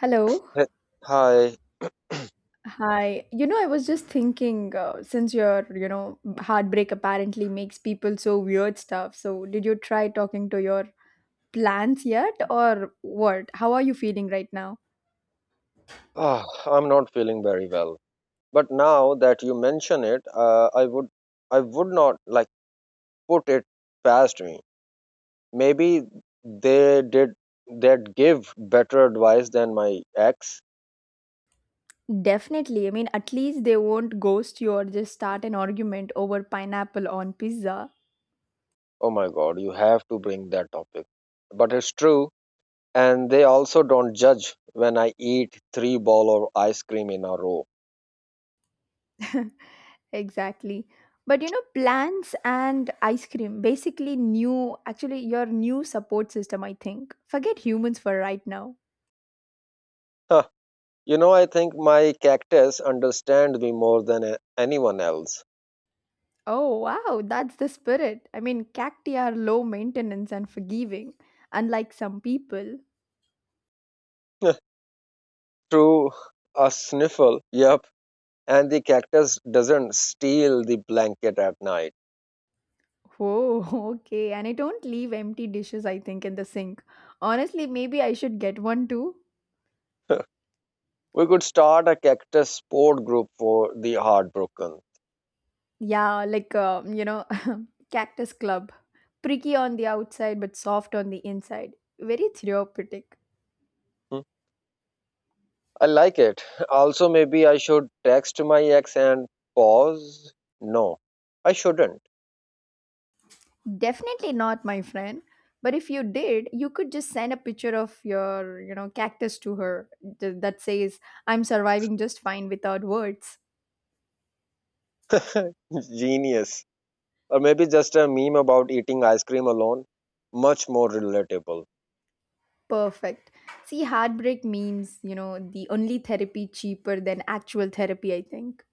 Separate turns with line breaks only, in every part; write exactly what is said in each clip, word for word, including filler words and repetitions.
Hello.
Hey. Hi.
Hi. You know, I was just thinking, uh, since your, you know, heartbreak apparently makes people so weird stuff. So, did you try talking to your plants yet, or what? How are you feeling right now?
Ah, I'm not feeling very well. But now that you mention it, uh, I would, I would not like put it past me. Maybe they did, they give better advice than my ex.
Definitely. I mean, at least they won't ghost you or just start an argument over pineapple on pizza.
Oh my God, you have to bring that topic. But it's true, and they also don't judge when I eat three ball of ice cream in a row.
Exactly. But you know, plants and ice cream, basically new, actually, your new support system, I think. Forget humans for right now.
Huh. You know, I think my cactus understand me more than a- anyone else.
Oh, wow, that's the spirit. I mean, cacti are low maintenance and forgiving, unlike some people.
Through a sniffle. Yep. And the cactus doesn't steal the blanket at night.
Oh, okay. And I don't leave empty dishes, I think, in the sink. Honestly, maybe I should get one too.
We could start a cactus support group for the heartbroken.
Yeah, like, uh, you know, Cactus Club. Pricky on the outside, but soft on the inside. Very therapeutic.
Hmm. I like it. Also, maybe I should text my ex and pause. No, I shouldn't.
Definitely not, my friend. But if you did, you could just send a picture of your, you know, cactus to her th- that says, I'm surviving just fine without words.
Genius. Or maybe just a meme about eating ice cream alone. Much more relatable.
Perfect. See, heartbreak memes, you know, the only therapy cheaper than actual therapy, I think.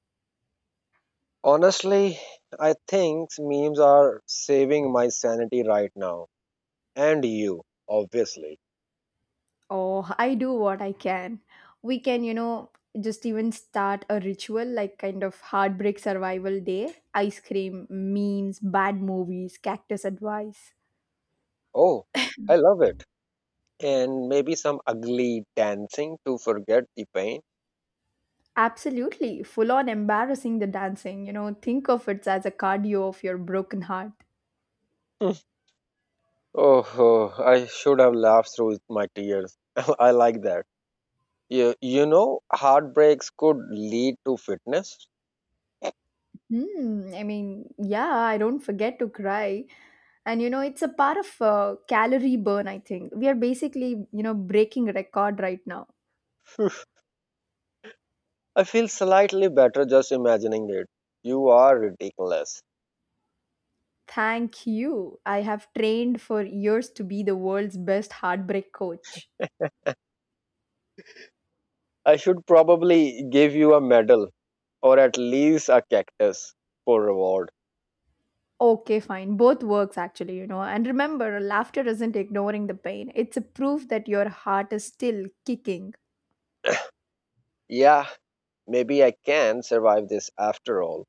Honestly, I think memes are saving my sanity right now. And you, obviously.
Oh, I do what I can. We can, you know, just even start a ritual like kind of heartbreak survival day ice cream, memes, bad movies, cactus advice.
Oh, I love it. And maybe some ugly dancing to forget the pain.
Absolutely, full on embarrassing the dancing. You know, think of it as a cardio of your broken heart.
Hmm. Oh, oh, I should have laughed through my tears. I like that. You, you know, heartbreaks could lead to fitness.
Hmm. I mean, yeah, I don't forget to cry. And you know, it's a part of uh, calorie burn, I think. We are basically, you know, breaking record right now.
I feel slightly better just imagining it. You are ridiculous.
Thank you. I have trained for years to be the world's best heartbreak coach.
I should probably give you a medal, or at least a cactus for reward.
Okay, fine. Both works actually, you know. And remember, laughter isn't ignoring the pain. It's a proof that your heart is still kicking.
Yeah. Maybe I can survive this after all,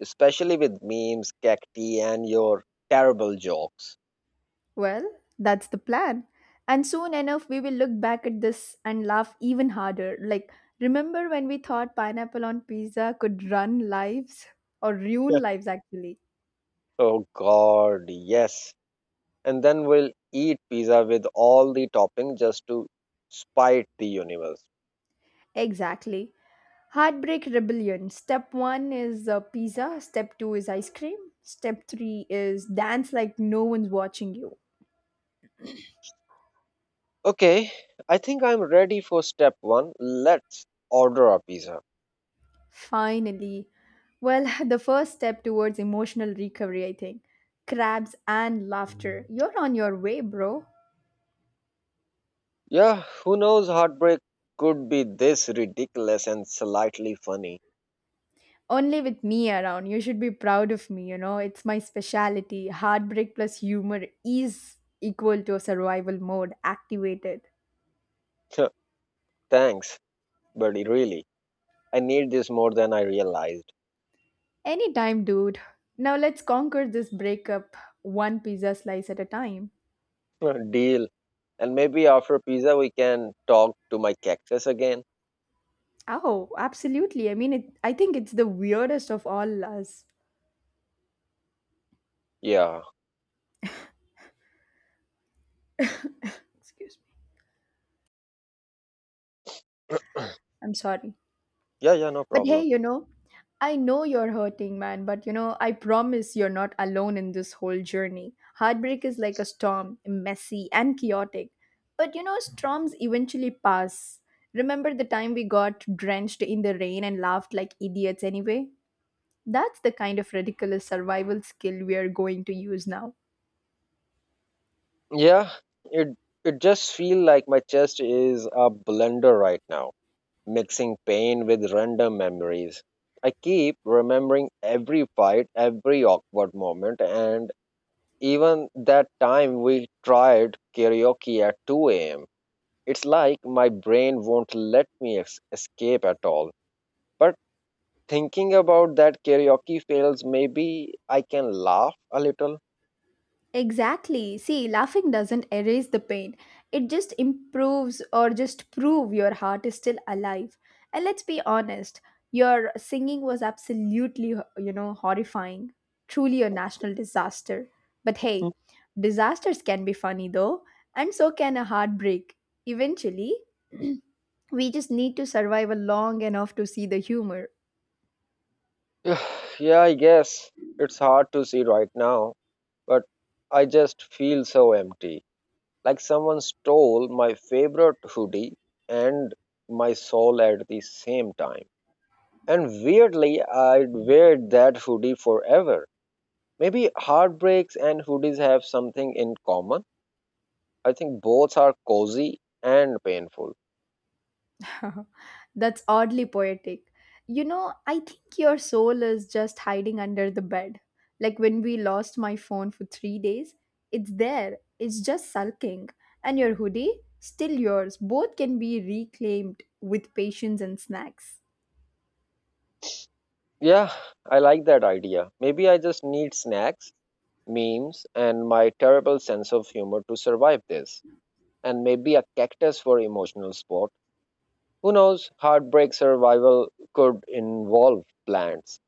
especially with memes, cacti, and your terrible jokes.
Well, that's the plan. And soon enough, we will look back at this and laugh even harder. Like, remember when we thought pineapple on pizza could run lives or ruin lives, actually?
Oh God, yes. And then we'll eat pizza with all the topping just to spite the universe.
Exactly. Heartbreak rebellion. Step one is uh, pizza, step two is ice cream, step three is dance like no one's watching you.
Okay, I think I'm ready for step one. Let's order a pizza.
Finally. Well, the first step towards emotional recovery, I think. Crabs and laughter. You're on your way, bro.
Yeah, who knows, heartbreak could be this ridiculous and slightly funny.
Only with me around. You should be proud of me, you know. It's my specialty. Heartbreak plus humor is equal to a survival mode activated.
Thanks, but really, I need this more than I realized.
Anytime, dude. Now let's conquer this breakup one pizza slice at a time.
Deal. And maybe after pizza, we can talk to my cactus again.
Oh, absolutely. I mean, it, I think it's the weirdest of all us.
Yeah.
Excuse me. I'm sorry.
Yeah, yeah, no
But hey,
problem.
you know, I know you're hurting, man, but you know, I promise you're not alone in this whole journey. Heartbreak is like a storm, messy and chaotic. But you know, storms eventually pass. Remember the time we got drenched in the rain and laughed like idiots anyway? That's the kind of ridiculous survival skill we are going to use now.
Yeah, it it just feel like my chest is a blender right now, mixing pain with random memories. I keep remembering every fight, every awkward moment, and even that time we tried karaoke at two a m. It's like my brain won't let me es- escape at all. But thinking about that karaoke fails, maybe I can laugh a little.
Exactly. See, laughing doesn't erase the pain. It just improves or just prove your heart is still alive. And let's be honest, your singing was absolutely, you know, horrifying. Truly a national disaster. But
Hmm.
hey, disasters can be funny though, and so can a heartbreak. Eventually, we just need to survive a long enough to see the humor.
Yeah, I guess it's hard to see right now, but I just feel so empty. Like someone stole my favorite hoodie and my soul at the same time. And weirdly, I'd wear that hoodie forever. Maybe heartbreaks and hoodies have something in common. I think both are cozy and painful.
That's oddly poetic. You know, I think your soul is just hiding under the bed. Like when we lost my phone for three days, it's there, it's just sulking. And your hoodie, still yours, both can be reclaimed with patience and snacks.
Yeah, I like that idea. Maybe I just need snacks, memes, and my terrible sense of humor to survive this. And maybe a cactus for emotional support. Who knows? Heartbreak survival could involve plants.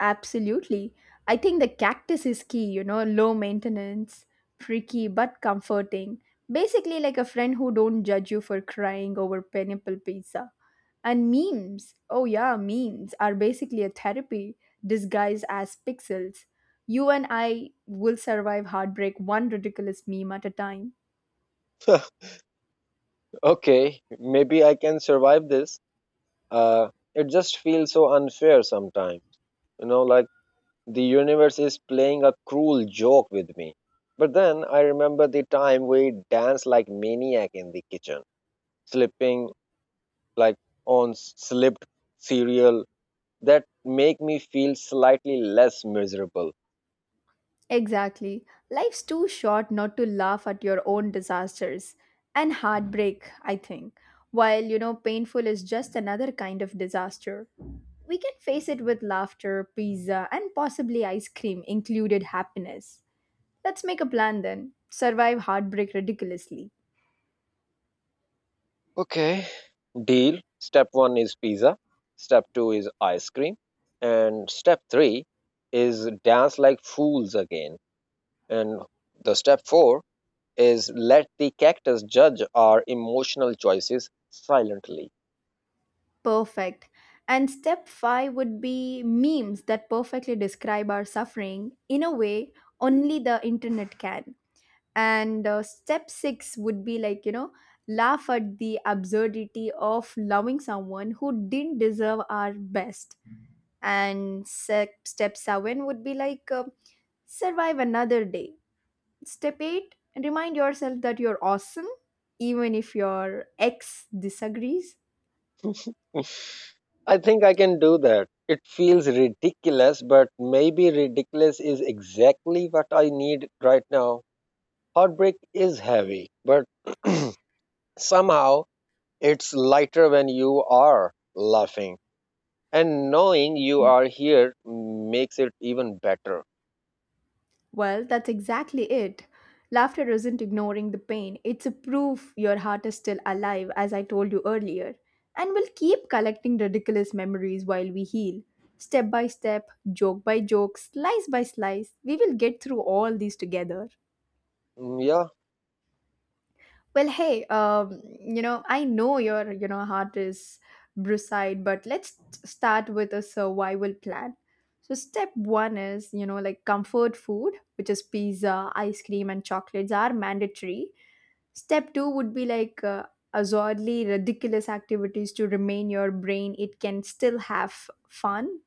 Absolutely. I think the cactus is key, you know, low maintenance, freaky but comforting. Basically like a friend who don't judge you for crying over pineapple pizza. And memes. Oh yeah, memes are basically a therapy disguised as pixels. You and I will survive heartbreak one ridiculous meme at a time.
Okay, maybe I can survive this. Uh, it just feels so unfair sometimes. You know, like the universe is playing a cruel joke with me. But then I remember the time we danced like maniac in the kitchen, slipping like on slipped cereal that make me feel slightly less miserable.
Exactly. Life's too short not to laugh at your own disasters and heartbreak, I think. While, you know, painful is just another kind of disaster. We can face it with laughter, pizza, and possibly ice cream, included happiness. Let's make a plan then. Survive heartbreak ridiculously.
Okay, deal. Step one is pizza, step two is ice cream, and step three is dance like fools again. And the step four is let the cactus judge our emotional choices silently.
Perfect. And step five would be memes that perfectly describe our suffering in a way only the internet can. and uh, step six would be like you know laugh at the absurdity of loving someone who didn't deserve our best and se- step seven would be like uh, survive another day step eight remind yourself that you're awesome even if your ex disagrees.
I think I can do that. It feels ridiculous, but maybe ridiculous is exactly what I need right now. Heartbreak is heavy, but somehow it's lighter when you are laughing. And knowing you are here makes it even better.
Well, that's exactly it. Laughter isn't ignoring the pain, it's a proof your heart is still alive, as I told you earlier, and will keep collecting ridiculous memories while we heal. Step by step, joke by joke, slice by slice, we will get through all these together.
Mm. Yeah.
Well, hey, um, you know, I know your, you know, heart is brucide, but let's t- start with a survival plan. So step one is, you know, like comfort food, which is pizza, ice cream, and chocolates are mandatory. Step two would be like uh, absurdly ridiculous activities to remain your brain. It can still have fun.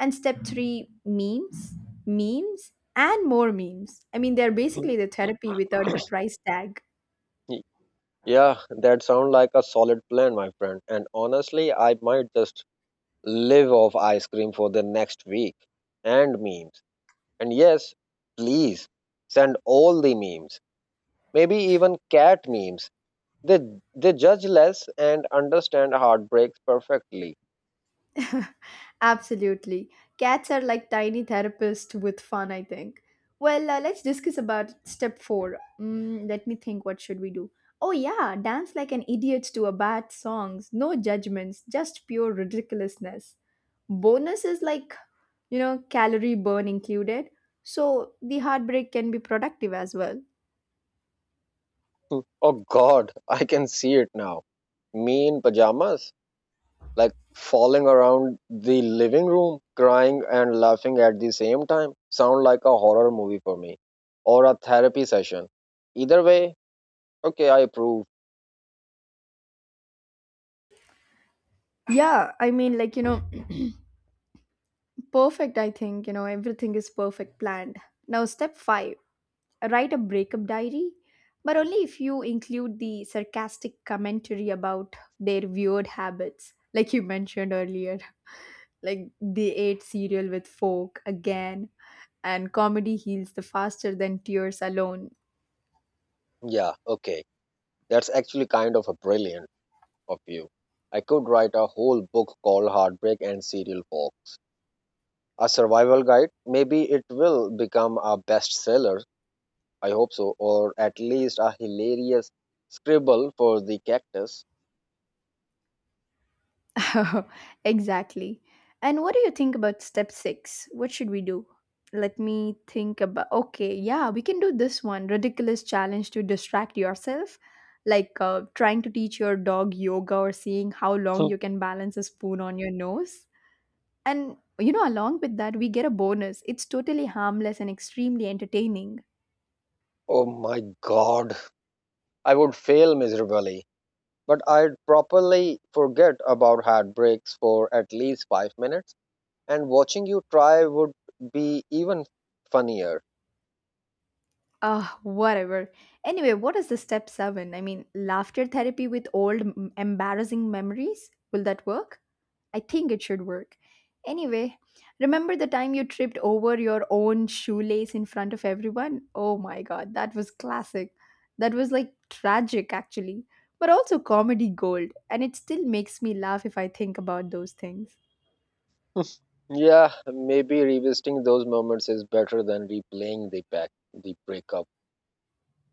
And step three, memes, memes, and more memes. I mean, they're basically the therapy without the price tag.
Y- yeah, that sounds like a solid plan, my friend. And honestly, I might just live off ice cream for the next week and memes. And yes, please send all the memes, maybe even cat memes. They, they judge less and understand heartbreaks perfectly.
Absolutely. Cats are like tiny therapists with fun, I think. Well, uh, let's discuss about step four. Mm, let me think, what should we do? Oh, yeah, dance like an idiot to a bad songs. No judgments, just pure ridiculousness. Bonus is like, you know, calorie burn included. So the heartbreak can be productive as well.
Oh God, I can see it now. Me in pajamas, like falling around the living room, crying and laughing at the same time. Sound like a horror movie for me, or a therapy session. Either way, okay, I approve.
Yeah, I mean, like, you know, perfect, I think, you know, everything is perfect planned. Now, step five write a breakup diary, but only if you include the sarcastic commentary about their weird habits, like you mentioned earlier. Like they ate cereal with fork again, and comedy heals the faster than tears alone.
Yeah, okay. That's actually kind of a brilliant of you. I could write a whole book called Heartbreak and Serial Folk, a survival guide. Maybe it will become a bestseller. I hope so, or at least a hilarious scribble for the cactus.
exactly. And what do you think about step six? What should we do? Let me think about. Okay, yeah, we can do this one ridiculous challenge to distract yourself, like uh, trying to teach your dog yoga or seeing how long
So,
you can balance a spoon on your nose. And you know, along with that, we get a bonus. It's totally harmless and extremely entertaining.
oh my god, I would fail miserably, but I'd properly forget about heartbreaks for at least five minutes, and watching you try would be even funnier.
Ah, whatever. Anyway, what is the step seven? I mean, laughter therapy with old m- embarrassing memories? Will that work? I think it should work. Anyway, remember the time you tripped over your own shoelace in front of everyone? Oh my god, that was classic. That was like tragic actually, but also comedy gold, and it still makes me laugh if I think about those things.
Yeah, maybe revisiting those moments is better than replaying the back the breakup.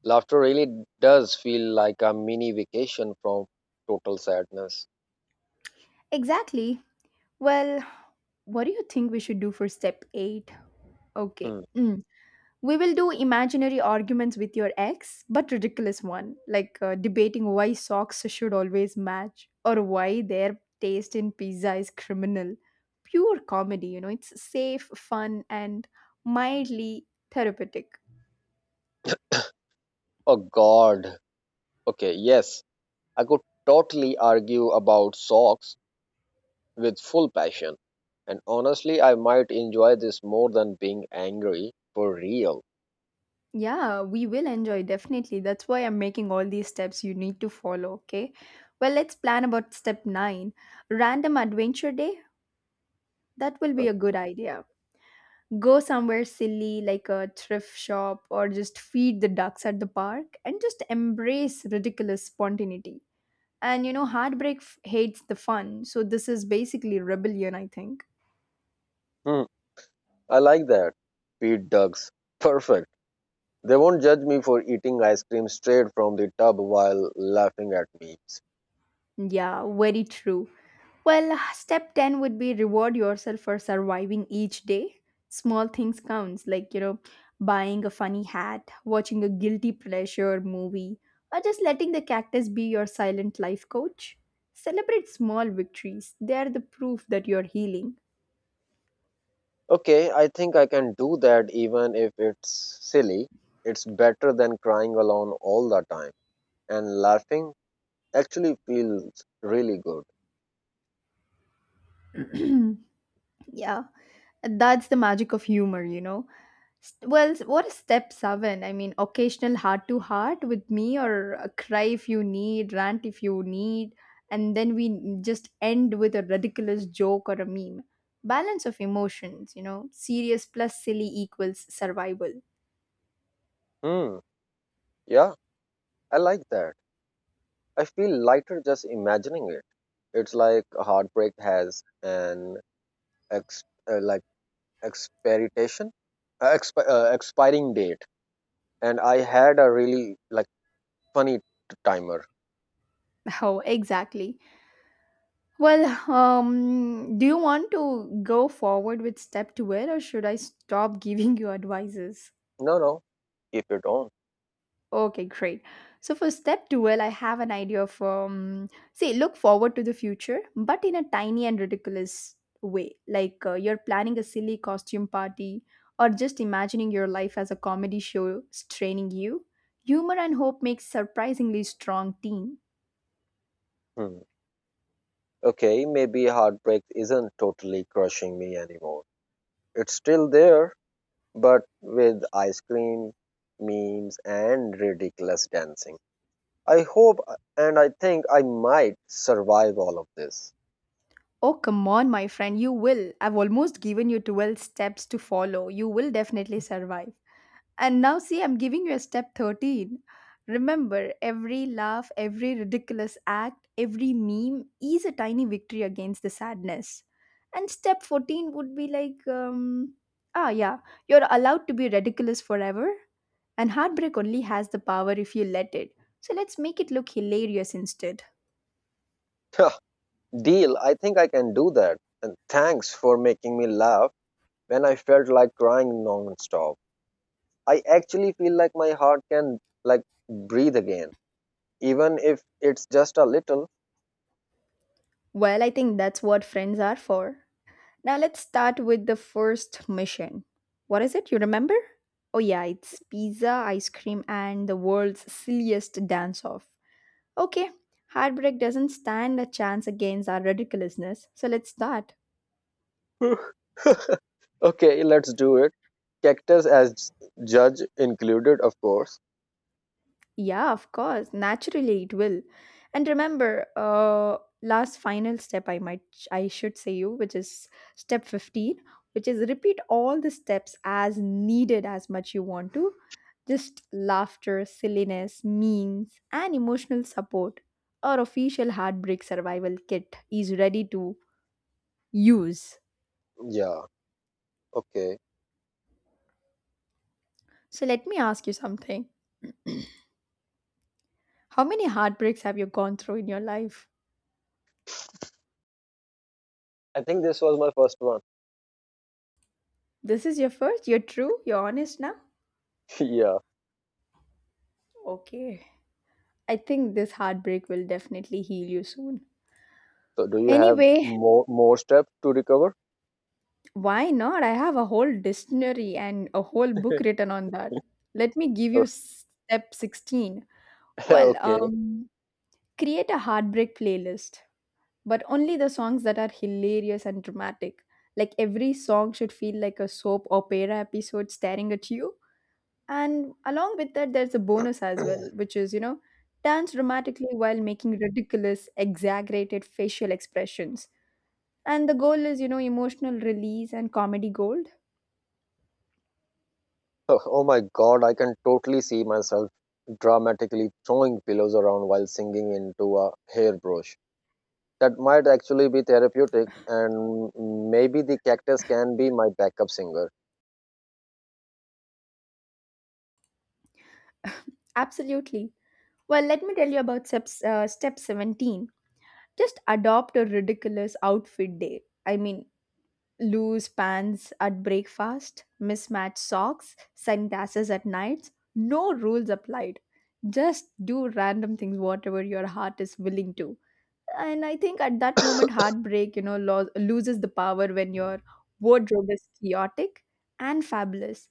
Laughter really does feel like a mini vacation from total sadness.
Exactly. Well, what do you think we should do for step eight? Okay.
Hmm.
mm, We will do imaginary arguments with your ex, but ridiculous one, like uh, debating why socks should always match or why their taste in pizza is criminal. Pure comedy, you know, it's safe, fun, and mildly therapeutic.
Oh God. Okay, yes, I could totally argue about socks with full passion. And honestly, I might enjoy this more than being angry for real.
Yeah, we will enjoy definitely. That's why I'm making all these steps you need to follow, okay? Well, let's plan about step nine random adventure day. That will
Uh,
be a good idea. Go somewhere silly like a thrift shop or just feed the ducks at the park and just embrace ridiculous spontaneity. And you know, heartbreak f- hates the fun, so this is basically rebellion, I think.
Hmm, I like that. Pete Ducks. Perfect. They won't judge me for eating ice cream straight from the tub while laughing at memes.
Yeah, very true. Well, step ten would be reward yourself for surviving each day. Small things counts like, you know, buying a funny hat, watching a guilty pleasure movie, or just letting the cactus be your silent life coach. Celebrate small victories. They are the proof that you're healing.
Okay, I think I can do that even if it's silly. It's better than crying alone all the time. And laughing actually feels really good.
yeah, that's the magic of humor, you know. S- Well, s- what is step seven? I mean, occasional heart to heart with me, or a cry if you need, rant if you need, and then we n- just end with a ridiculous joke or a meme. Balance of emotions, you know, serious plus silly equals survival.
Hmm, yeah. I like that. I feel lighter just imagining it. It's like heartbreak has an ex uh, like expiration, uh, expi uh, expiring date, and I had a really like funny t- timer.
Oh, exactly. Well, um, do you want to go forward with step twelve or should I stop giving you advices?
No, no, keep it on.
Okay, great. So for step twelve, I have an idea of um, say, look forward to the future, but in a tiny and ridiculous way. Like uh, you're planning a silly costume party or just imagining your life as a comedy show straining you. Humor and hope makes surprisingly strong team.
Hmm. Okay, maybe heartbreak isn't totally crushing me anymore. It's still there, but with ice cream, memes, and ridiculous dancing. I hope and I think I might survive all of this.
Oh, come on, my friend, you will. I've almost given you twelve steps to follow. You will definitely survive. And now, see, I'm giving you a step thirteen. Remember, every laugh, every ridiculous act, every meme is a tiny victory against the sadness. And step fourteen would be like, um, ah, yeah, you're allowed to be ridiculous forever. And heartbreak only has the power if you let it. So let's make it look hilarious instead.
Deal, I think I can do that. And thanks for making me laugh when I felt like crying non-stop. I actually feel like my heart can like breathe again, even if it's just a little.
Well, I think that's what friends are for. Now let's start with the first mission. What is it? You remember? Oh, yeah, it's pizza, ice cream, and the world's silliest dance off. Okay, heartbreak doesn't stand a chance against our ridiculousness, so let's start.
Okay, let's do it. Cactus as judge included, of course.
Yeah, of course. Naturally, it will. And remember, uh, last final step I might I should say you, which is step fifteen, which is repeat all the steps as needed as much you want to. Just laughter, silliness, memes, and emotional support. Our official heartbreak survival kit is ready to use.
Yeah, okay.
So let me ask you something. How many heartbreaks have you gone through in your life?
I think this was my first one.
This is your first? You're true? You're honest now?
Yeah.
Okay. I think this heartbreak will definitely heal you soon.
So do you have
Anyway,
more more steps to recover?
why not? I have a whole dictionary and a whole book written on that. Let me give you step sixteen. Well,
Okay.
um, create a heartbreak playlist, but only the songs that are hilarious and dramatic. Like every song should feel like a soap opera episode staring at you. And along with that, there's a bonus as well, which is, you know, dance dramatically while making ridiculous, exaggerated facial expressions. And the goal is, you know, emotional release and comedy gold.
Oh my god, I can totally see myself dramatically throwing pillows around while singing into a hairbrush. That might actually be therapeutic, and maybe the cactus can be my backup singer.
Absolutely. Well, let me tell you about step, uh, step seventeen. Just adopt a ridiculous outfit day. I mean, loose pants at breakfast, mismatched socks, sunglasses at night. No rules applied. Just do random things, whatever your heart is willing to. And I think at that moment heartbreak, you know, lo- loses the power when your wardrobe is chaotic and fabulous.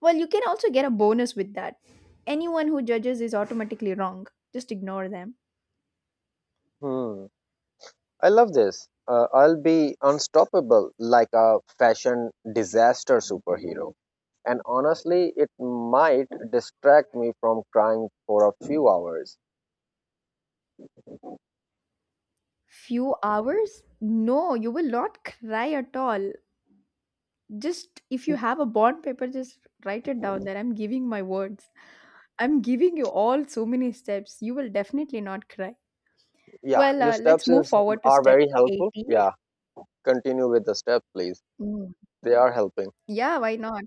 Well, you can also get a bonus with that. Anyone who judges is automatically wrong. Just ignore them.
Hmm. I love this. Uh, I'll be unstoppable like a fashion disaster superhero. And honestly, it might distract me from crying for a few hours.
Few hours? No, you will not cry at all. Just if you have a bond paper, just write it down that I'm giving my words. I'm giving you all so many steps. You will definitely not cry.
Yeah,
Well,
your
uh, let's
steps
move
is,
forward to
are
step
very helpful.
eighteen.
Yeah, continue with the steps, please.
Mm,
They are helping.
yeah, why not?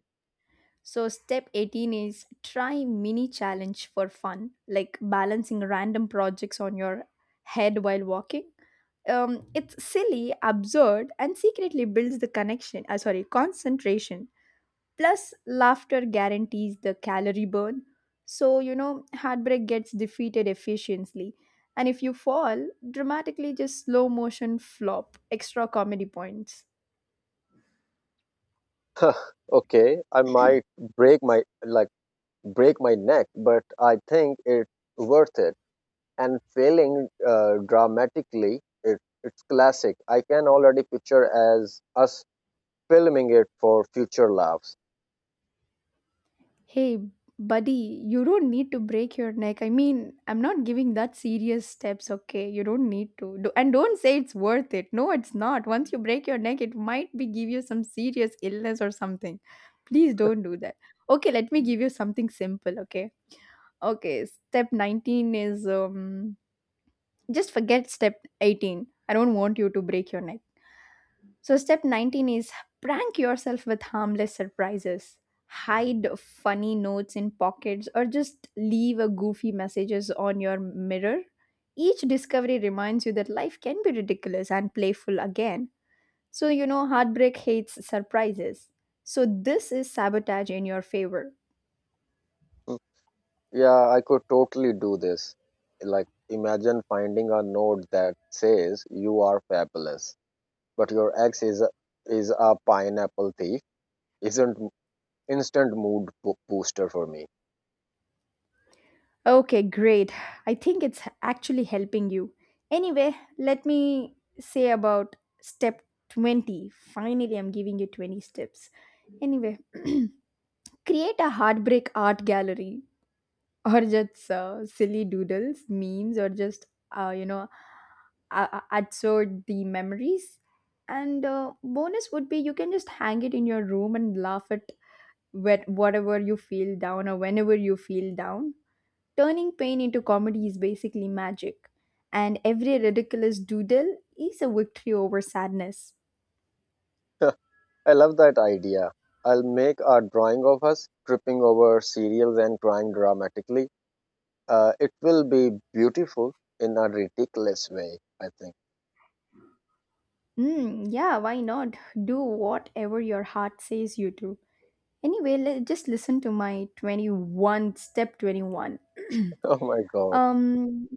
So, step eighteen is try mini challenge for fun, like balancing random projects on your head while walking. Um, it's silly, absurd, and secretly builds the connection, uh, sorry, concentration. Plus, laughter guarantees the calorie burn. So, you know, heartbreak gets defeated efficiently. And if you fall, dramatically just slow motion flop, extra comedy points.
Okay, I might break my like break my neck, but I think it's worth it. And failing uh, dramatically, it, it's classic. I can already picture as us filming it for future laughs.
Hey, buddy, you don't need to break your neck. I mean, I'm not giving that serious steps, okay? You don't need to. Do- and don't say it's worth it. No, it's not. Once you break your neck, it might be give you some serious illness or something. Please don't do that. Okay, let me give you something simple, okay? Okay, step nineteen is um just forget step eighteen. I don't want you to break your neck. So, step nineteen is prank yourself with harmless surprises. Hide funny notes in pockets or just leave a goofy messages on your mirror. Each discovery reminds you that life can be ridiculous and playful again. So, you know, heartbreak hates surprises. So, this is sabotage in your favor.
Hmm, yeah, I could totally do this. Like, imagine finding a note that says you are fabulous, but your ex is a, is a pineapple thief. Isn't instant mood bo- booster for me.
Okay, great. I think it's actually helping you. Anyway, let me say about step twenty. Finally, I'm giving you twenty steps. Anyway, create a heartbreak art gallery, or just uh, silly doodles, memes, or just, uh, you know, uh, absorb the memories. And uh, bonus would be you can just hang it in your room and laugh at wh- whatever you feel down or whenever you feel down. Turning pain into comedy is basically magic, and every ridiculous doodle is a victory over sadness.
I love that idea. I'll make a drawing of us tripping over cereals and crying dramatically. Uh, it will be beautiful in a ridiculous way, I think.
Mm, yeah, why not? Do whatever your heart says you to. Anyway, le- just listen to my twenty-one step twenty-one.
Oh my god.
um,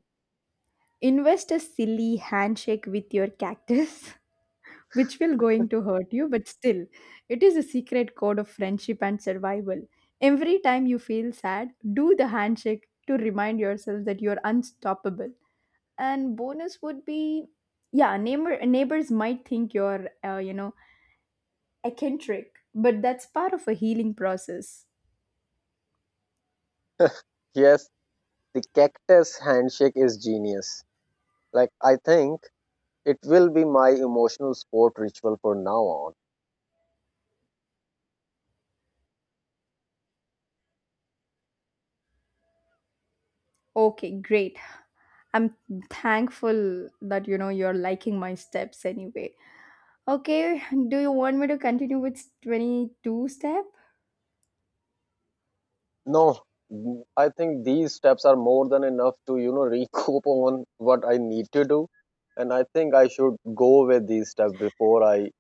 Invest a silly handshake with your cactus, which will going to hurt you, but still it is a secret code of friendship and survival. Every time you feel sad, do the handshake to remind yourself that you're unstoppable. And bonus would be, yeah, neighbor neighbors might think you're uh, you know, eccentric, but that's part of a healing process.
Yes, the cactus handshake is genius. Like, I think it will be my emotional sport ritual for now on.
Okay, great. I'm thankful that, you know, you're liking my steps. Anyway, okay, do you want me to continue with twenty-two step?
No, I think these steps are more than enough to, you know, recoup on what I need to do. And I think I should go with these steps before I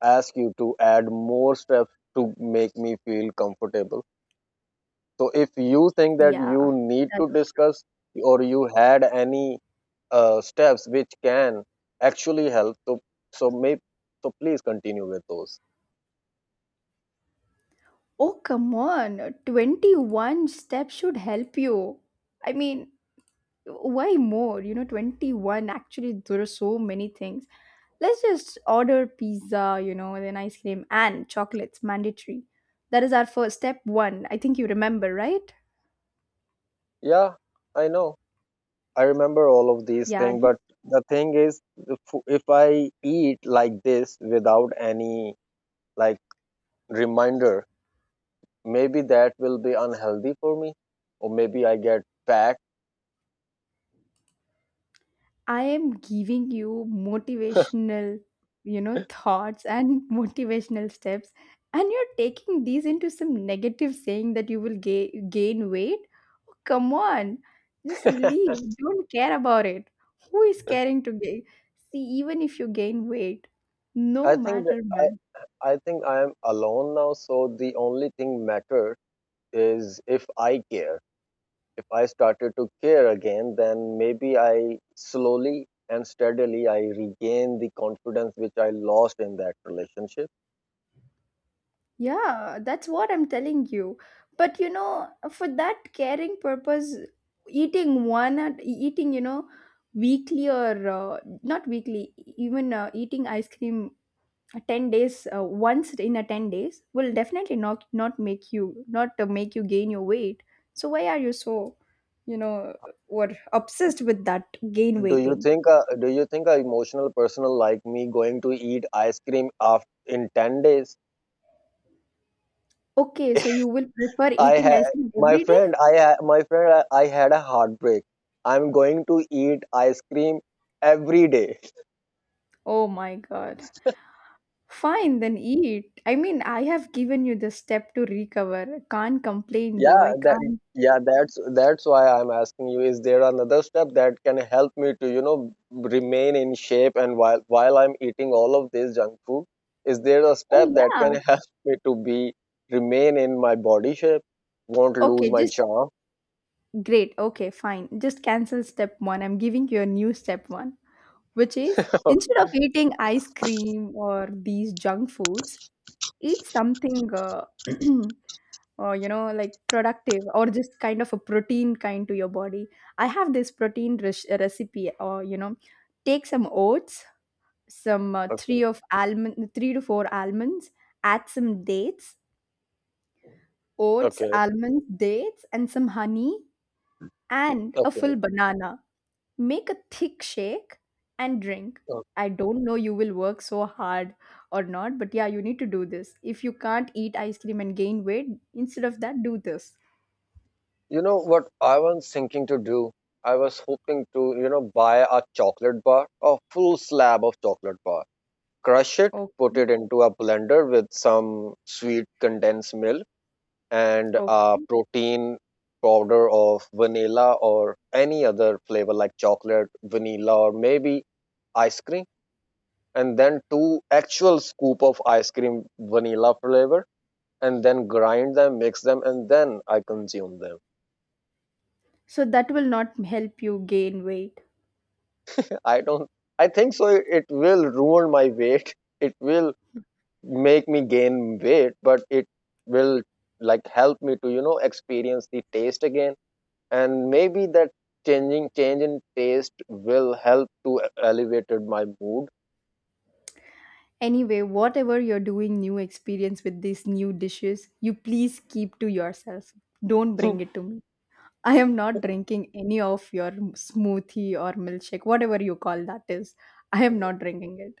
ask you to add more steps to make me feel comfortable. So if you think that
yeah
you need to
that's
discuss or you had any uh, steps which can actually help, so so may so please continue with those.
Oh, come on. twenty-one steps should help you. I mean, why more? You know, twenty-one, actually, there are so many things. Let's just order pizza, you know, then ice cream and chocolates, mandatory. That is our first step one. I think you remember, right?
Yeah, I know. I remember all of these
Yeah,
things,
just
but the thing is, the fo- if I eat like this without any like reminder, maybe that will be unhealthy for me, or maybe I get fat.
I am giving you motivational, you know, thoughts and motivational steps, and you're taking these into some negative saying that you will ga- gain weight. Oh, come on, just
I
leave. Don't care about it. Who is caring to gain? See, even if you gain weight, no
think that
matter.
I, I think I am alone now, so the only thing matter is if I care. If I started to care again, then maybe I slowly and steadily I regain the confidence which I lost in that relationship.
Yeah, that's what I'm telling you. But you know, for that caring purpose, eating one at eating, you know, weekly or uh, not weekly, even uh, eating ice cream uh, ten days uh, once in a ten days will definitely not not make you not uh, make you gain your weight. So why are you so, you know, or obsessed with that gain
Do you
weighting?
think a do you think a emotional person like me going to eat ice cream after in ten days?
Okay, so you will prefer
I
eating
had
ice cream
my
every day?
friend, I ha- my friend, I, I had a heartbreak. I'm going to eat ice cream every day.
Oh my God. Fine, then eat. I mean, I have given you the step to recover. Can't complain though. I
Yeah, that
can't.
yeah, that's that's why I'm asking you. Is there another step that can help me to you know remain in shape, and while while I'm eating all of this junk food, is there a
Oh,
step that
yeah.
can help me to be remain in my body shape? Won't lose
Okay,
my
just
charm.
great. Okay, fine. Just cancel step one. I'm giving you a new step one, which is
Oh,
instead of eating ice cream or these junk foods, eat something, uh, or you know, like productive or just kind of a protein kind to your body. I have this protein res- recipe, or you know, take some oats, some uh,
okay,
three of almond, three to four almonds, add some dates, oats,
okay,
almonds, dates, and some honey, and a full
okay.
banana. Make a thick shake and drink.
Oh,
I don't know you will work so hard or not, but yeah, you need to do this. If you can't eat ice cream and gain weight, instead of that, do this.
you know what I was thinking to do? I was hoping to, you know, buy a chocolate bar, a full slab of chocolate bar, crush it, put
Okay.
it into a blender with some sweet condensed milk and a
Okay.
protein powder of vanilla or any other flavor like chocolate, vanilla, or maybe ice cream, and then two actual scoop of ice cream vanilla flavor and then grind them, mix them, and then I consume them.
So that will not help you gain weight.
I don't. I think so. It will ruin my weight. It will make me gain weight, but it will like help me to you know experience the taste again. And maybe that changing change in taste will help to elevated my mood.
Anyway, whatever you're doing new experience with these new dishes, you please keep to yourself. Don't bring it to me. I am not drinking any of your smoothie or milkshake, whatever you call that is. I am not drinking it.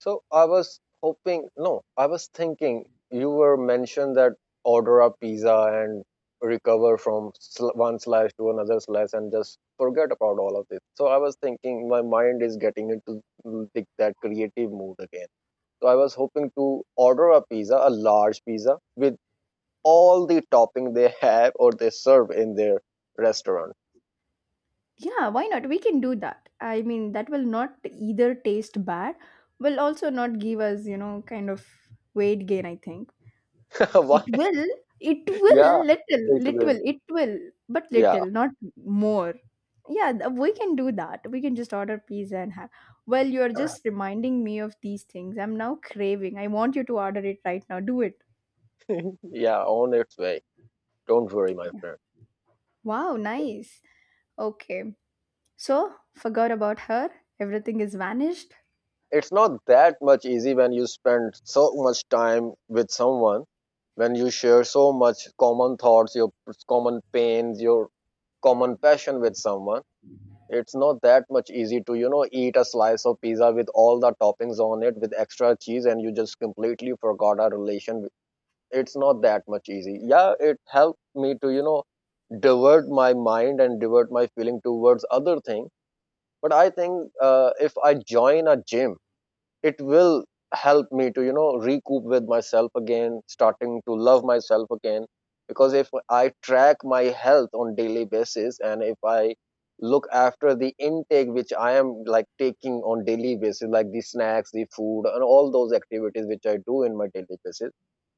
So I was hoping, no, I was thinking you were mentioned that order a pizza and recover from sl- one slice to another slice and just forget about all of this. So I was thinking my mind is getting into mm, the, that creative mood again. So I was hoping to order a pizza, a large pizza with all the topping they have or they serve in their restaurant.
Yeah, why not? We can do that. I mean, that will not either taste bad, will also not give us, you know, kind of weight gain, I think. It
Why?
will. It will.
Yeah,
Little.
it
Little.
will.
It will. But
Yeah,
little, not more. Yeah, th- we can do that. We can just order pizza and have. Well, you're just reminding me of these things. I'm now craving. I want you to order it right now. Do it.
yeah, on its way. Don't worry, my
Yeah.
friend.
Wow, nice. Okay. So, forgot about her. Everything is vanished.
It's not that much easy when you spend so much time with someone, when you share so much common thoughts, your common pains, your common passion with someone. It's not that much easy to you know eat a slice of pizza with all the toppings on it with extra cheese and you just completely forgot our relation. It's not that much easy, yeah, it helped me to you know divert my mind and divert my feeling towards other thing. But I think uh, if I join a gym, it will help me to you know recoup with myself again, starting to love myself again. Because if I track my health on daily basis, and if I look after the intake which I am like taking on daily basis, like the snacks, the food, and all those activities which I do in my daily basis,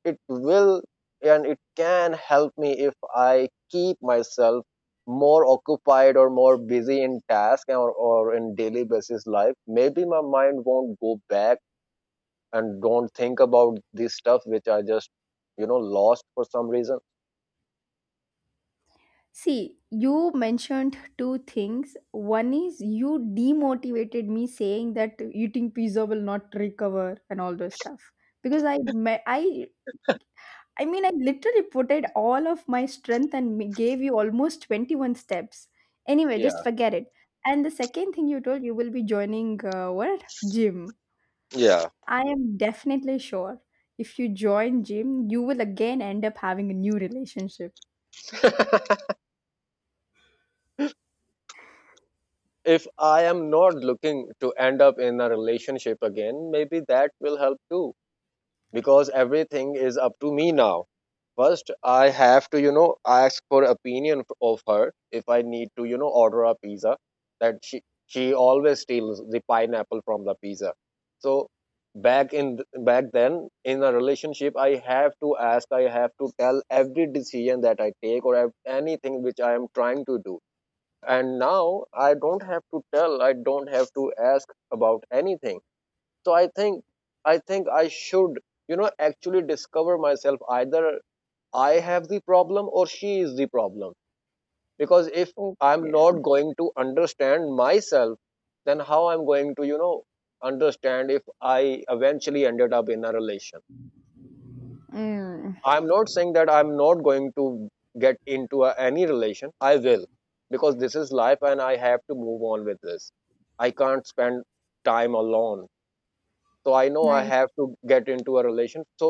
it will, and it can help me if I keep myself more occupied or more busy in task, or, or in daily basis life, maybe my mind won't go back and don't think about this stuff which I just you know lost for some reason.
See, you mentioned two things. One is you demotivated me saying that eating pizza will not recover and all those stuff because I me- I I mean I literally put it all of my strength and m- gave you almost twenty-one steps. Anyway, just
Yeah,
forget it. And the second thing you told you will be joining uh, what gym.
yeah,
I am definitely sure if you join gym, you will again end up having a new relationship.
if I am not looking to end up in a relationship again, maybe that will help too, because everything is up to me now. First, I have to, you know, ask for opinion f- of her if I need to, you know, order a pizza. That she she always steals the pineapple from the pizza. So back in th- back then in a relationship, I have to ask. I have to tell every decision that I take, or ev- anything which I am trying to do. And now I don't have to tell. I don't have to ask about anything. So i think i think I should, you know actually discover myself, either I have the problem or she is the problem. Because if I'm
Okay.
not going to understand myself, then how I'm going to, you know understand if I eventually ended up in a relation.
Mm.
I'm not saying that I'm not going to get into a, any relation, I will, because this is life and I have to move on with this. I can't spend time alone, so I know I
Nice.
have to get into a relation. So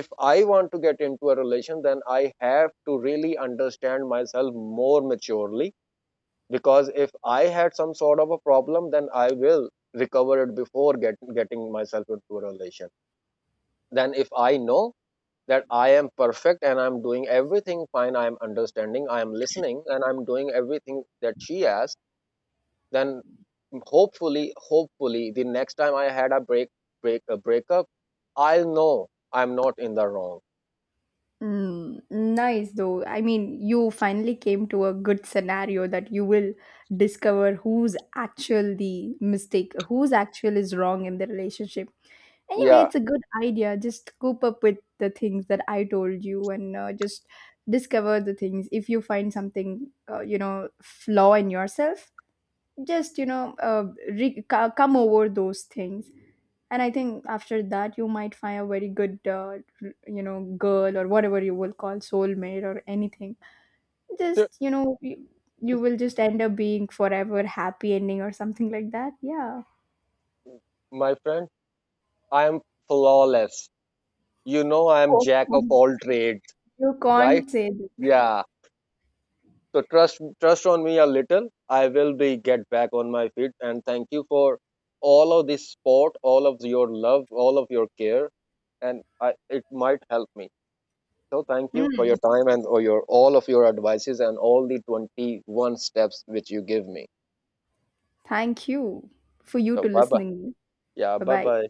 if I want to get into a relation, then I have to really understand myself more maturely. Because if I had some sort of a problem, then I will recover it before get, getting myself into a relation. Then if I know that I am perfect and I'm doing everything fine, I'm understanding, I'm listening, and I'm doing everything that she asks, then hopefully hopefully the next time I had a break break a breakup, I'll know I'm not in the wrong.
Mm, nice though. I mean, you finally came to a good scenario that you will discover who's actual the mistake, who's actual is wrong in the relationship. Anyway,
Yeah,
it's a good idea. Just cope up with the things that I told you and uh, just discover the things. If you find something, uh, you know, flaw in yourself, just, you know, uh, re- co- come over those things. And I think after that you might find a very good uh, r- you know, girl or whatever you will call soulmate or anything. Just you know you, you will just end up being forever happy ending or something like that. Yeah,
my friend, I am flawless. You know I am
oh,
jack of all trades,
you
right?
can't say that.
Yeah. So trust trust on me a little. I will be get back on my feet, and thank you for all of this support, all of your love, all of your care, and I, it might help me. So thank you for your
Mm,
time, and or your all of your advices, and all the twenty-one steps which you give me.
thank you for you
So
to
bye bye.
listening me.
Yeah,
Bye
bye
bye.
bye.